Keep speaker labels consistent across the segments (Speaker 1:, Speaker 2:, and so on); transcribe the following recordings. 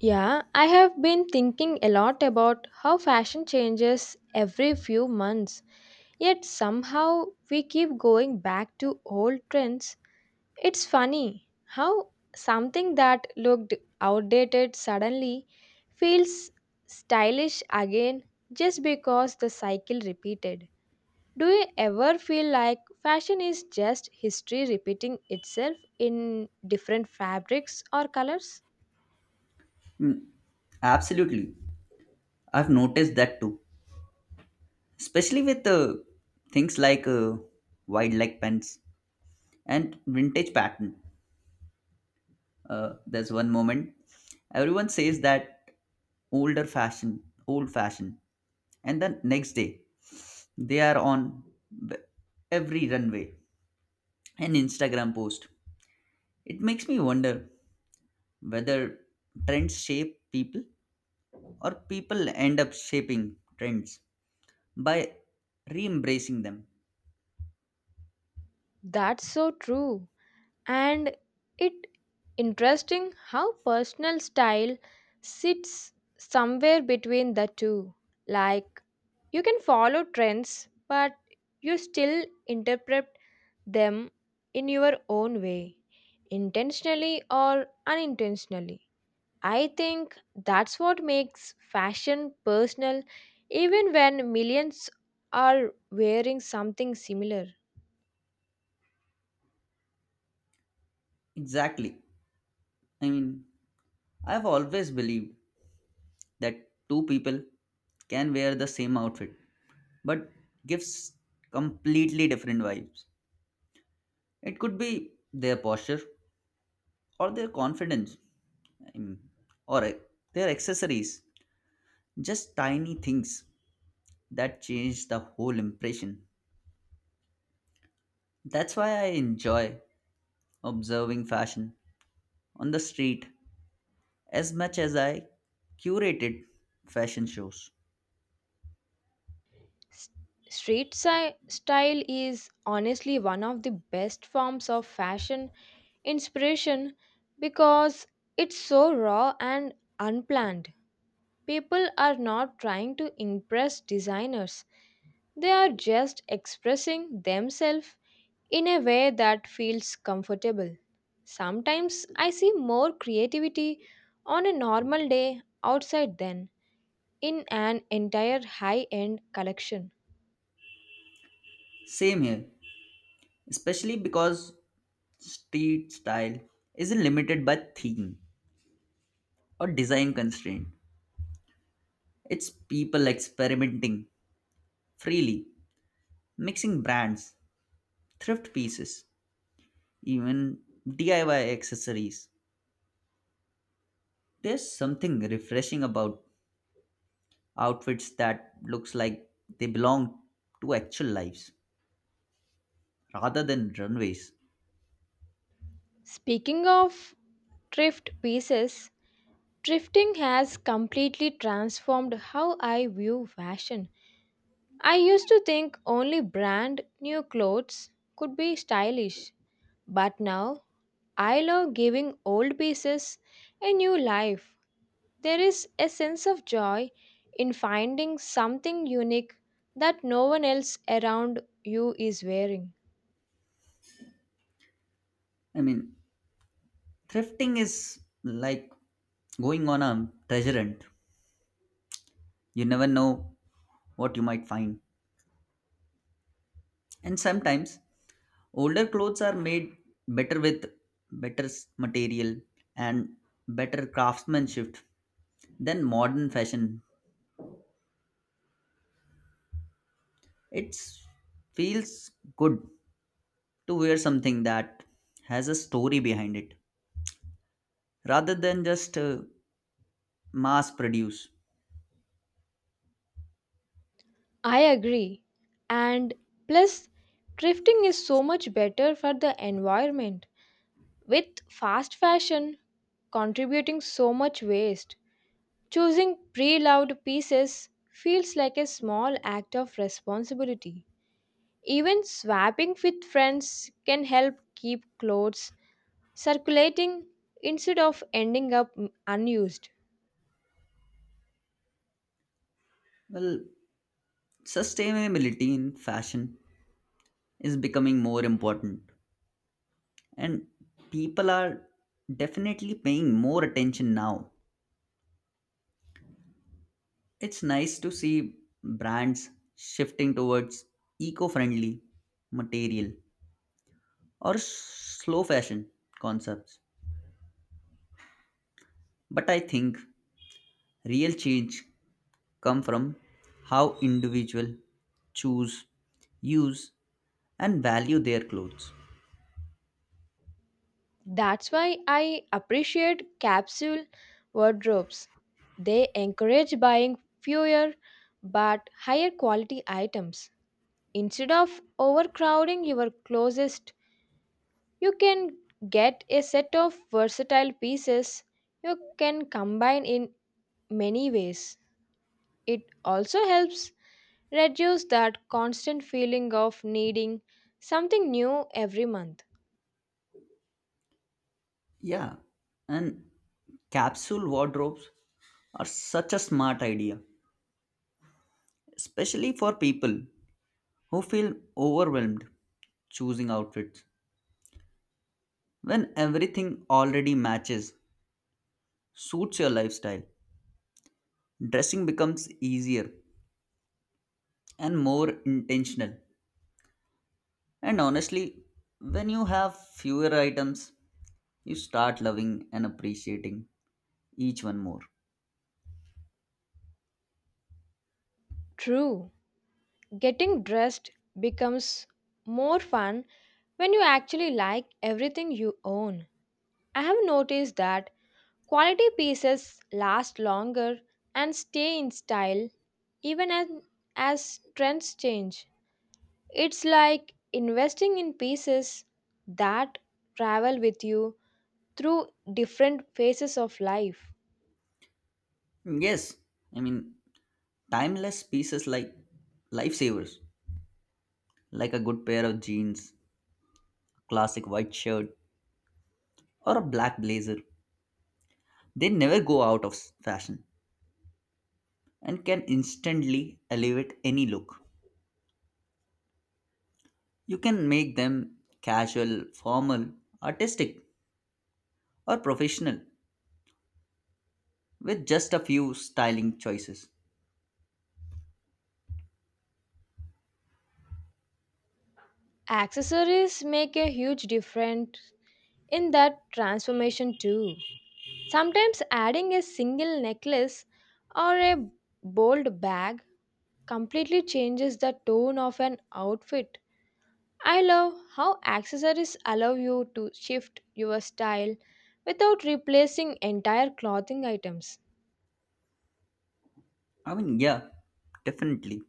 Speaker 1: Yeah, I have been thinking a lot about how fashion changes every few months, yet somehow we keep going back to old trends. It's funny how something that looked outdated suddenly feels stylish again just because the cycle repeated. Do you ever feel like fashion is just history repeating itself in different fabrics or colors?
Speaker 2: Mm, absolutely. I've noticed that too, especially with things like wide leg pens and vintage pattern. There's one moment everyone says that older fashion, old fashion, and the next day they are on b- every runway and Instagram post. It makes me wonder whether trends shape people or people end up shaping trends by re embracing them.
Speaker 1: That's so true. And it interesting how personal style sits somewhere between the two, like you can follow trends but you still interpret them in your own way, intentionally or unintentionally. I think that's what makes fashion personal even when millions are wearing something similar.
Speaker 2: Exactly. I mean, I've always believed that two people can wear the same outfit but gives completely different vibes. It could be their posture or their confidence I mean, or their accessories, just tiny things that change the whole impression. That's why I enjoy observing fashion on the street as much as I curated fashion shows.
Speaker 1: S- Street style is honestly one of the best forms of fashion inspiration because it's so raw and unplanned. People are not trying to impress designers, they are just expressing themselves in a way that feels comfortable. Sometimes I see more creativity on a normal day outside than in an entire high end collection.
Speaker 2: Same here, especially because street style isn't limited by theme or design constraint. It's people experimenting freely, mixing brands, thrift pieces, even DIY accessories. There's something refreshing about outfits that looks like they belong to actual lives rather than runways.
Speaker 1: Speaking of thrift pieces, thrifting has completely transformed how I view fashion. I used to think only brand new clothes could be stylish, but now I love giving old pieces a new life. There is a sense of joy in finding something unique that no one else around you is wearing.
Speaker 2: I mean, thrifting is like going on a treasure hunt. You never know what you might find. And sometimes older clothes are made better with material and better craftsmanship than modern fashion. It feels good to wear something that has a story behind it rather than just mass produce.
Speaker 1: I agree. And plus, thrifting is so much better for the environment. With fast fashion contributing so much waste, choosing pre loved pieces feels like a small act of responsibility. Even swapping with friends can help keep clothes circulating instead of ending up unused.
Speaker 2: Well, sustainability in fashion is becoming more important, and people are definitely paying more attention now. It's nice to see brands shifting towards eco friendly material or slow fashion concepts. But I think real change comes from how individuals choose, use, and value their clothes.
Speaker 1: That's why I appreciate capsule wardrobes. They encourage buying fewer but higher quality items. Instead of overcrowding your closest, you can get a set of versatile pieces you can combine in many ways. It also helps reduce that constant feeling of needing something new every month.
Speaker 2: Yeah, and capsule wardrobes are such a smart idea, especially for people who feel overwhelmed choosing outfits when everything already matches suits your lifestyle. Dressing becomes easier and more intentional. And honestly, when you have fewer items, you start loving and appreciating each one more.
Speaker 1: True. Getting dressed becomes more fun when you actually like everything you own. I have noticed that quality pieces last longer and stay in style even as trends change. It's like investing in pieces that travel with you through different phases of life.
Speaker 2: Yes, I mean, timeless pieces like lifesavers, like a good pair of jeans, a classic white shirt, or a black blazer, they never go out of fashion and can instantly elevate any look. You can make them casual, formal, artistic, or professional with just a few styling choices.
Speaker 1: Accessories make a huge difference in that transformation too. Sometimes adding a single necklace or a bold bag completely changes the tone of an outfit. I love how accessories allow you to shift your style without replacing entire clothing items.
Speaker 2: I mean, yeah, definitely.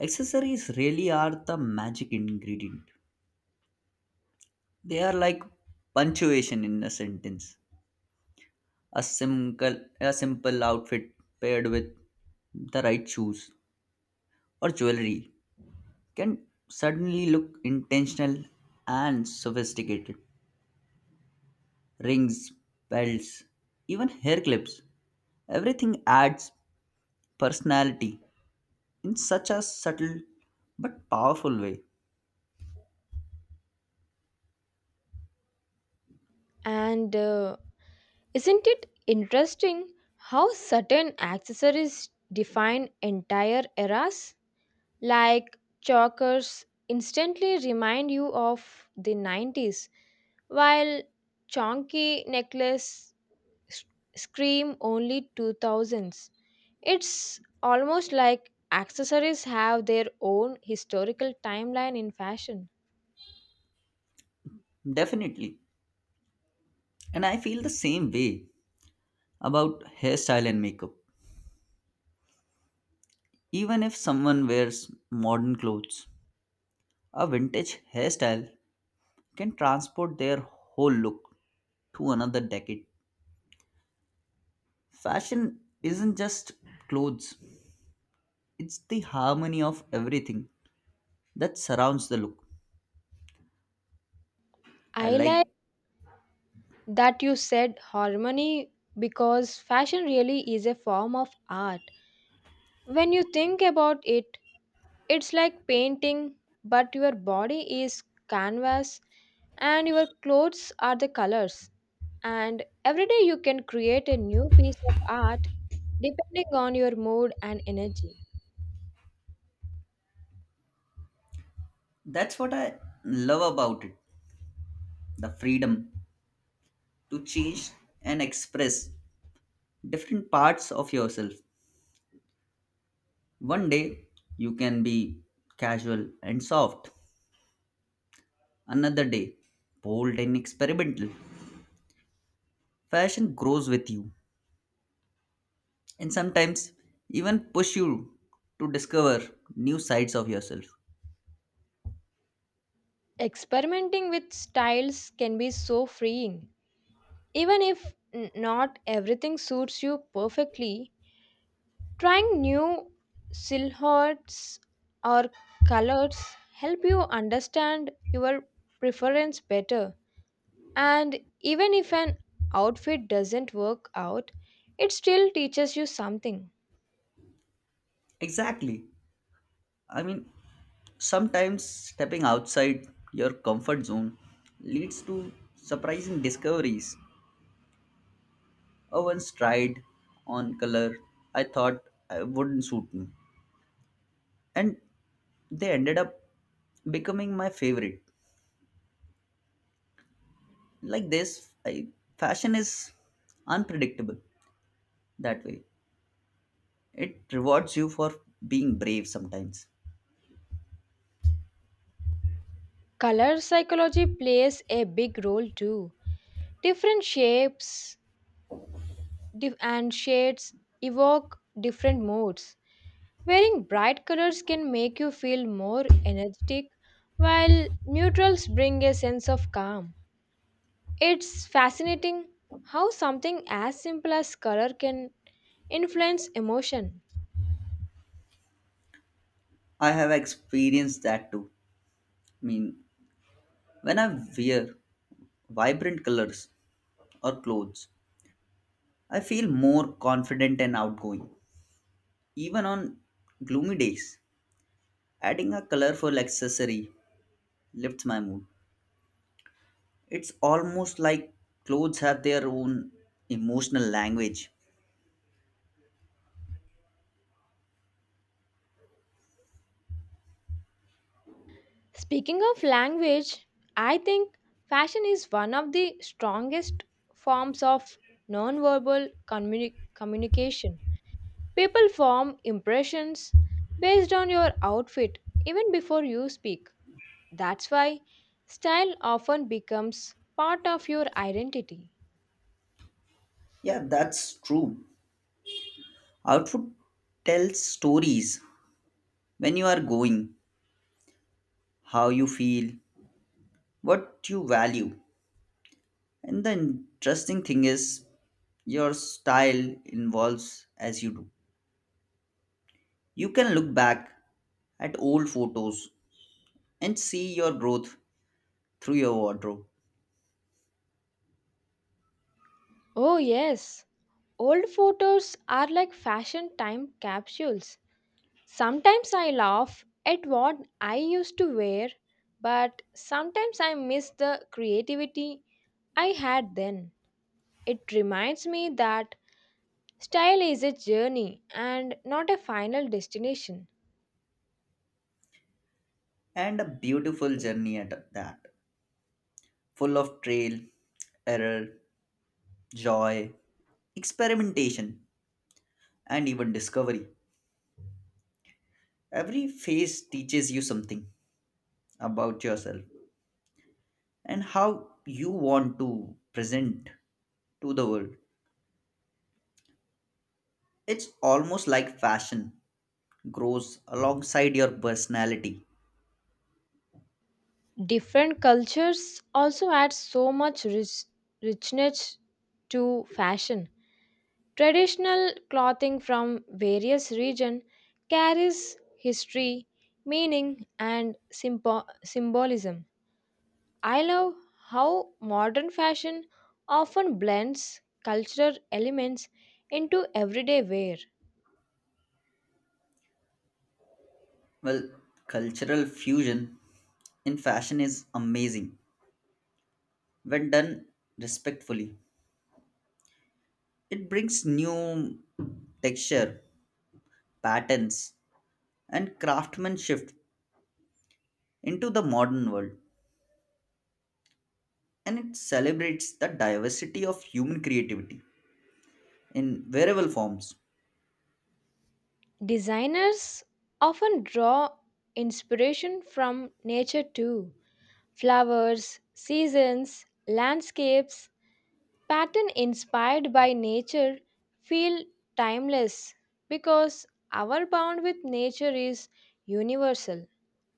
Speaker 2: Accessories really are the magic ingredient. They are like punctuation in a sentence. A simple outfit paired with the right shoes or jewelry can suddenly look intentional and sophisticated. Rings, belts, even hair clips. Everything adds personality in such a subtle but powerful way.
Speaker 1: And isn't it interesting how certain accessories define entire eras? Like Chalkers instantly remind you of the 90s, while Chonky necklace s- scream only 2000s. It's almost like accessories have their own historical timeline in fashion.
Speaker 2: Definitely. And I feel the same way about hairstyle and makeup. Even if someone wears modern clothes, a vintage hairstyle can transport their whole look to another decade. Fashion isn't just clothes, it's the harmony of everything that surrounds the look. I
Speaker 1: I like
Speaker 2: like
Speaker 1: that you said harmony because fashion really is a form of art. When you think about it, it's like painting, but your body is canvas and your clothes are the colors. And every day you can create a new piece of art depending on your mood and energy.
Speaker 2: that's what I love about it, the freedom to change and express different parts of yourself. One day you can be casual and soft, another day bold and experimental. Fashion grows with you and sometimes even push you to discover new sides of yourself.
Speaker 1: Experimenting with styles can be so freeing. Even if not everything suits you perfectly, trying new silhouettes or colors help you understand your preference better. And even if an outfit doesn't work out, it still teaches you something.
Speaker 2: Exactly. I mean, sometimes stepping outside your comfort zone leads to surprising discoveries. I once tried on color I thought I wouldn't suit me. And they ended up becoming my favorite like this, fashion is unpredictable that way, it rewards you for being brave sometimes.
Speaker 1: Color psychology plays a big role too. Different shapes and shades evoke different moods. Wearing bright colors can make you feel more energetic, while neutrals bring a sense of calm. It's fascinating how something as simple as color can influence emotion.
Speaker 2: I have experienced that too, I mean, when I wear vibrant colors or clothes I feel more confident and outgoing, even on gloomy days adding a colorful accessory lifts my mood. It's almost like clothes have their own emotional language.
Speaker 1: Speaking of language, I think fashion is one of the strongest forms of nonverbal communication. People form impressions based on your outfit even before you speak. That's why style often becomes part of your identity.
Speaker 2: Yeah, that's true. Outfit tells stories when you are going, how you feel, what you value. And the interesting thing is, your style evolves as you do. You can look back at old photos and see your growth through your wardrobe.
Speaker 1: Oh, yes, old photos are like fashion time capsules. Sometimes I laugh at what I used to wear, but sometimes I miss the creativity I had then. It reminds me that style is a journey and not a final destination.
Speaker 2: And a beautiful journey at that, full of trail, error, joy, experimentation, and even discovery. Every phase teaches you something about yourself and how you want to present to the world. It's almost like fashion grows alongside your personality.
Speaker 1: Different cultures also add so much richness to fashion. Traditional clothing from various regions carries history, meaning, and symbolism. I love how modern fashion often blends cultural elements into everyday wear.
Speaker 2: Well, cultural fusion in fashion is amazing when done respectfully. It brings new texture, patterns, and craftsmanship into the modern world and it celebrates the diversity of human creativity in variable forms.
Speaker 1: Designers often draw inspiration from nature too. Flowers, seasons, landscapes, pattern inspired by nature feel timeless because our bond with nature is universal.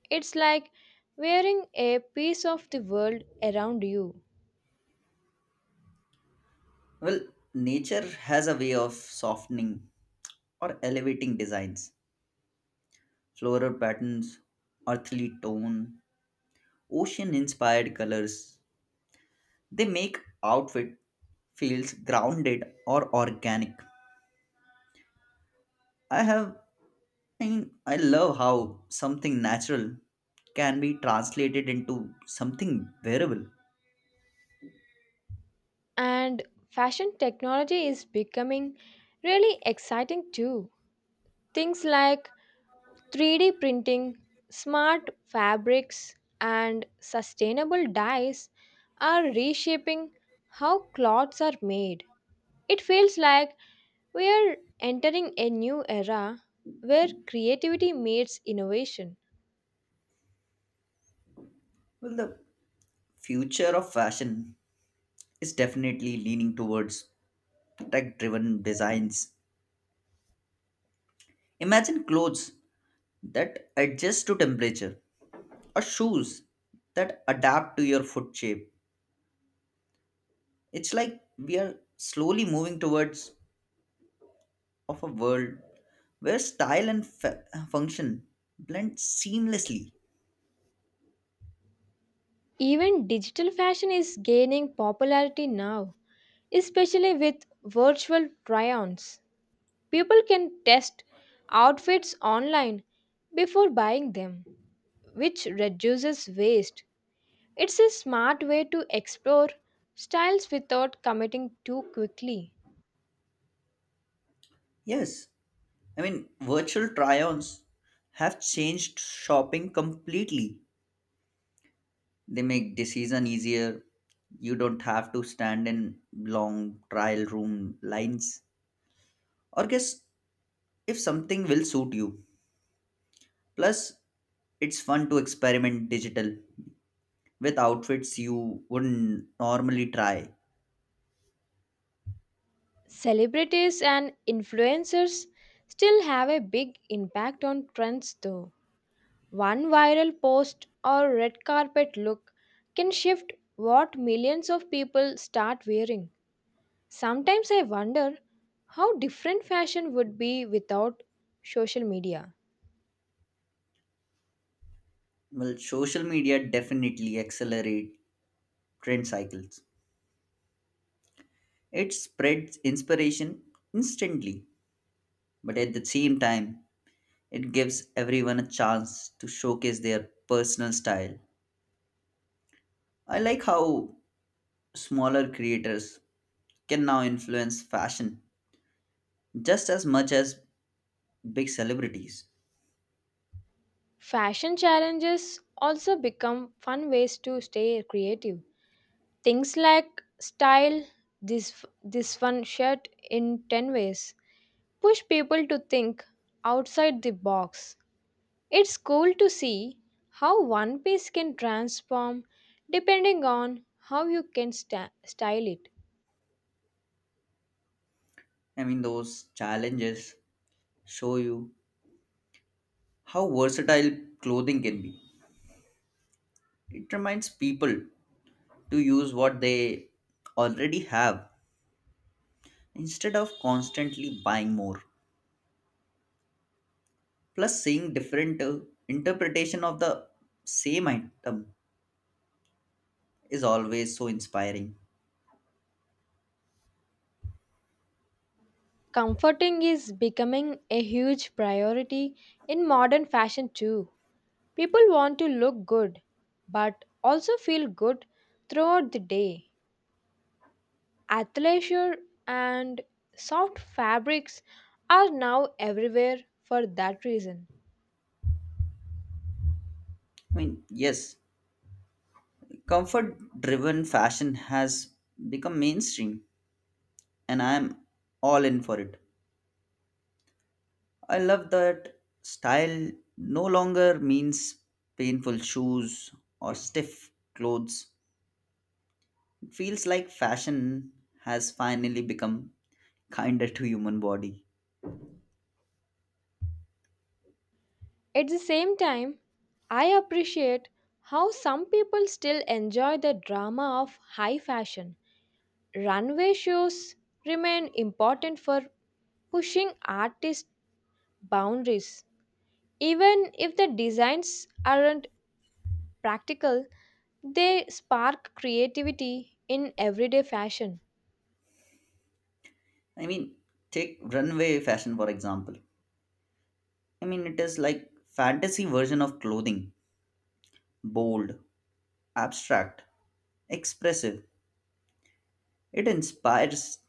Speaker 1: It's like wearing a piece of the world around you.
Speaker 2: Well, nature has a way of softening or elevating designs. Floral patterns, earthly tone, ocean inspired colors. They make outfit feels grounded or organic. I have I mean, I love how something natural can be translated into something wearable.
Speaker 1: And fashion technology is becoming really exciting too. Things like 3D printing, smart fabrics, and sustainable dyes are reshaping how clothes are made. It feels like we are entering a new era where creativity meets innovation.
Speaker 2: Well, the future of fashion is definitely leaning towards tech driven designs. Imagine clothes that adjust to temperature or shoes that adapt to your foot shape. It's like we are slowly moving towards of a world where style and function blend seamlessly.
Speaker 1: Even digital fashion is gaining popularity now, especially with virtual try ons. People can test outfits online before buying them, which reduces waste. It's a smart way to explore styles without committing too quickly.
Speaker 2: Yes, I mean, virtual try-ons have changed shopping completely. They make decision easier. You don't have to stand in long trial room lines or guess if something will suit you. Plus, it's fun to experiment digital with outfits you wouldn't normally try.
Speaker 1: Celebrities and influencers still have a big impact on trends, though. One viral post or red carpet look can shift what millions of people start wearing. Sometimes I wonder how different fashion would be without social media.
Speaker 2: Well, social media definitely accelerate trend cycles. It spreads inspiration instantly, but at the same time, it gives everyone a chance to showcase their personal style. I like how smaller creators can now influence fashion just as much as big celebrities.
Speaker 1: Fashion challenges also become fun ways to stay creative. Things like style this one shirt in 10 ways push people to think outside the box. It's cool to see how one piece can transform depending on how you style it.
Speaker 2: I mean, those challenges show you how versatile clothing can be. It reminds people to use what they already have instead of constantly buying more. Plus, seeing different interpretation of the same item is always so inspiring.
Speaker 1: Comforting is becoming a huge priority in modern fashion too. People want to look good but also feel good throughout the day. Athleisure and soft fabrics are now everywhere for that reason.
Speaker 2: I mean, yes, comfort driven fashion has become mainstream, and I am all in for it. I love that style no longer means painful shoes or stiff clothes. Feels like fashion has finally become kinder to human body.
Speaker 1: At the same time, I appreciate how some people still enjoy the drama of high fashion. Runway shows remain important for pushing artists boundaries. Even if the designs aren't practical, they spark creativity in everyday fashion.
Speaker 2: I mean, take runway fashion for example. I mean, it is like fantasy version of clothing, bold, abstract, expressive. It inspires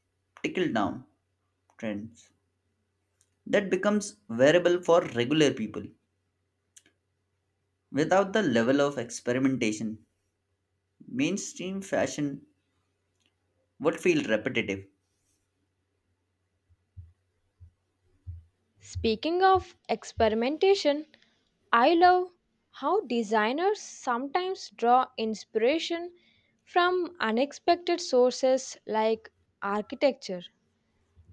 Speaker 2: tickle down trends that becomes wearable for regular people without the level of experimentation. Mainstream fashion would feel repetitive.
Speaker 1: Speaking of experimentation, I love how designers sometimes draw inspiration from unexpected sources like architecture.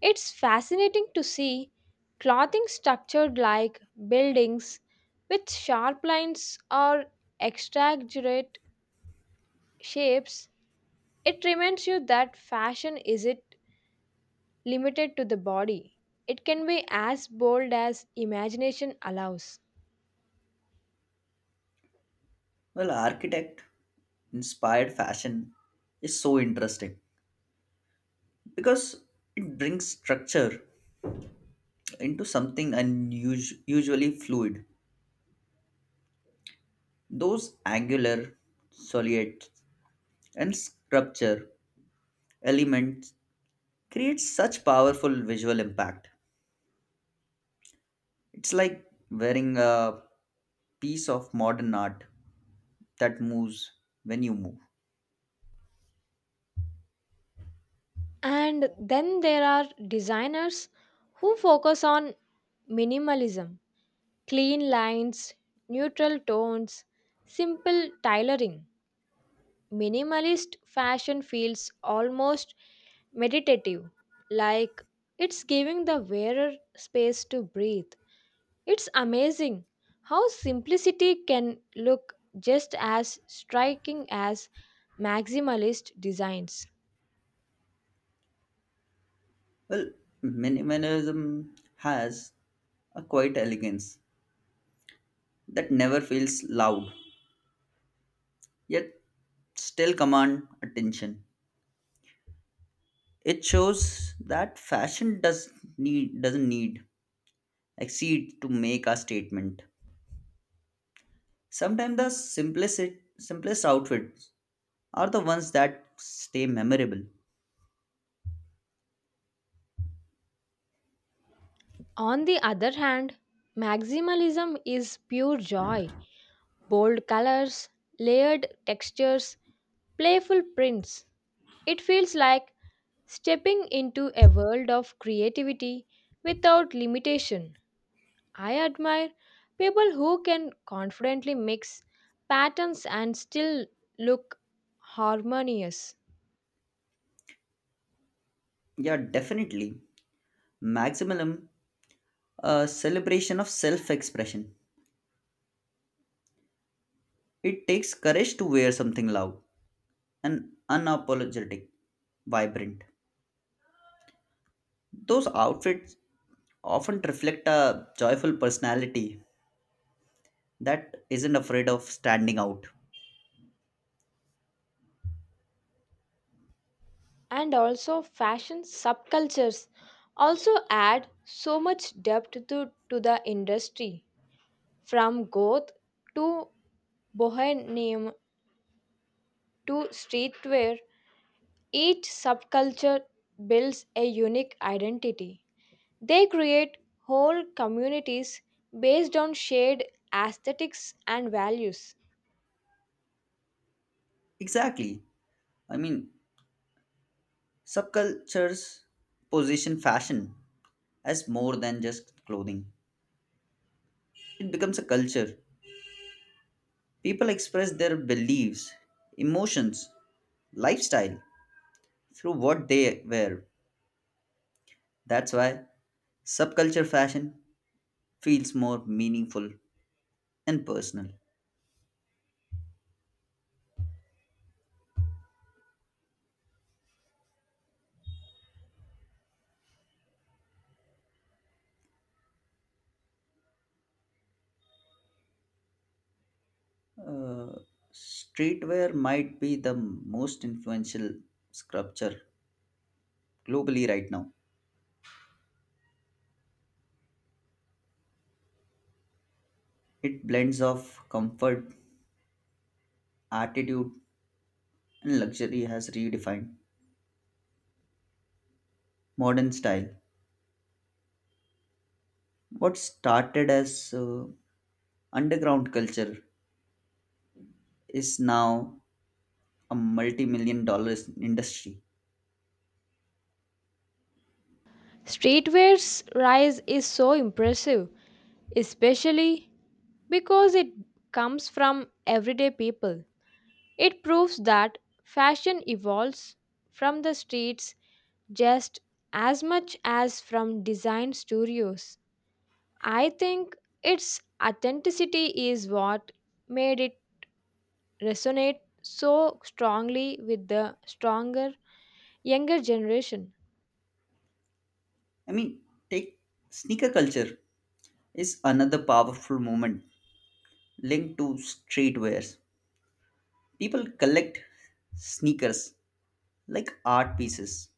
Speaker 1: It's fascinating to see clothing structured like buildings with sharp lines or exaggerate shapes. It reminds you that fashion isn't limited to the body. It can be as bold as imagination allows.
Speaker 2: Well, architect inspired fashion is so interesting because it brings structure into something unusual, usually fluid. Those angular, solid, and sculpture elements create such powerful visual impact. It's like wearing a piece of modern art that moves when you move.
Speaker 1: And then there are designers who focus on minimalism, clean lines, neutral tones, simple tailoring. Minimalist fashion feels almost meditative, like it's giving the wearer space to breathe. It's amazing how simplicity can look just as striking as maximalist designs.
Speaker 2: Well, minimalism has a quiet elegance that never feels loud yet still command attention. It shows that fashion doesn't need exceed to make a statement. Sometimes the simplest outfits are the ones that stay memorable.
Speaker 1: On the other hand, maximalism is pure joy. Bold colors, layered textures, playful prints. It feels like stepping into a world of creativity without limitation. I admire people who can confidently mix patterns and still look harmonious.
Speaker 2: Yeah, definitely. Maximum a celebration of self-expression. It takes courage to wear something loud and unapologetic, vibrant. Those outfits often reflect a joyful personality that isn't afraid of standing out.
Speaker 1: And also, fashion subcultures also add so much depth to the industry, from goth to bohemian to streetwear. Each subculture builds a unique identity. They create whole communities based on shared aesthetics and values.
Speaker 2: Exactly. I mean, subcultures position fashion as more than just clothing, it becomes a culture. People express their beliefs, emotions, lifestyle through what they wear. That's why subculture fashion feels more meaningful and personal. Uh, Streetwear might be the most influential sculpture globally right now. It blends of comfort attitude and luxury has redefined modern style. What started as underground culture is now a multi-million dollars industry.
Speaker 1: Streetwear's rise is so impressive, especially because it comes from everyday people. It proves that fashion evolves from the streets just as much as from design studios. I think its authenticity is what made it resonate so strongly with the stronger, younger generation.
Speaker 2: I mean, take sneaker culture is another powerful movement linked to streetwears. People collect sneakers like art pieces.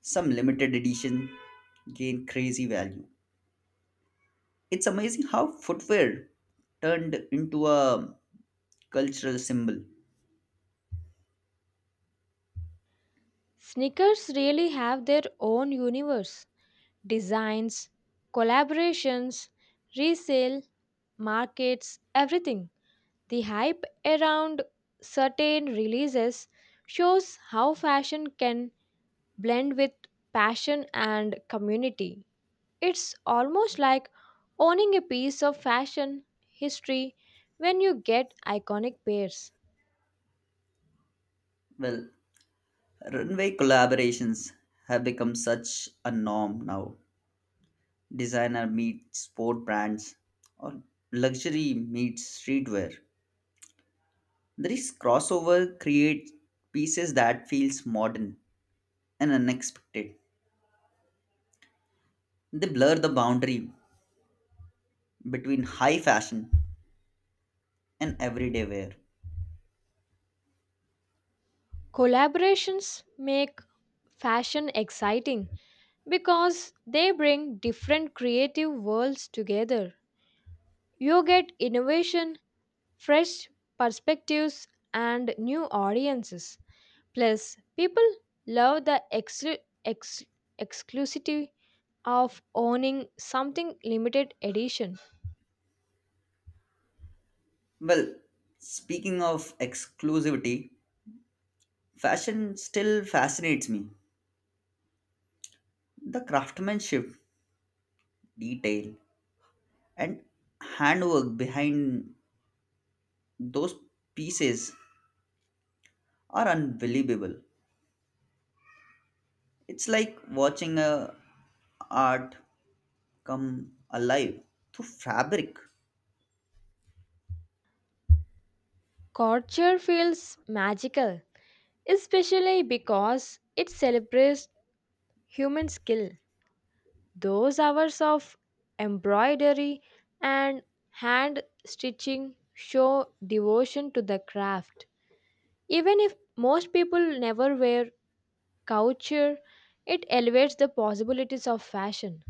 Speaker 2: Some limited edition gain crazy value. It's amazing how footwear turned into a cultural symbol.
Speaker 1: Sneakers really have their own universe. Designs, collaborations, resale, markets, everything. The hype around certain releases shows how fashion can blend with passion and community. It's almost like owning a piece of fashion history when you get iconic pairs.
Speaker 2: Well, runway collaborations have become such a norm now. Designer meets sport brands or luxury meets streetwear. This crossover creates pieces that feels modern and unexpected. They blur the boundary between high fashion and everyday wear.
Speaker 1: Collaborations make fashion exciting because they bring different creative worlds together. You get innovation, fresh perspectives, and new audiences. Plus, people love the exclusivity of owning something limited edition.
Speaker 2: Well, speaking of exclusivity, fashion still fascinates me. The craftsmanship, detail, and handwork behind those pieces are unbelievable. It's like watching a art come alive through fabric.
Speaker 1: Culture feels magical, especially because it celebrates human skill. Those hours of embroidery and hand stitching show devotion to the craft. Even if most people never wear couture, it elevates the possibilities of fashion.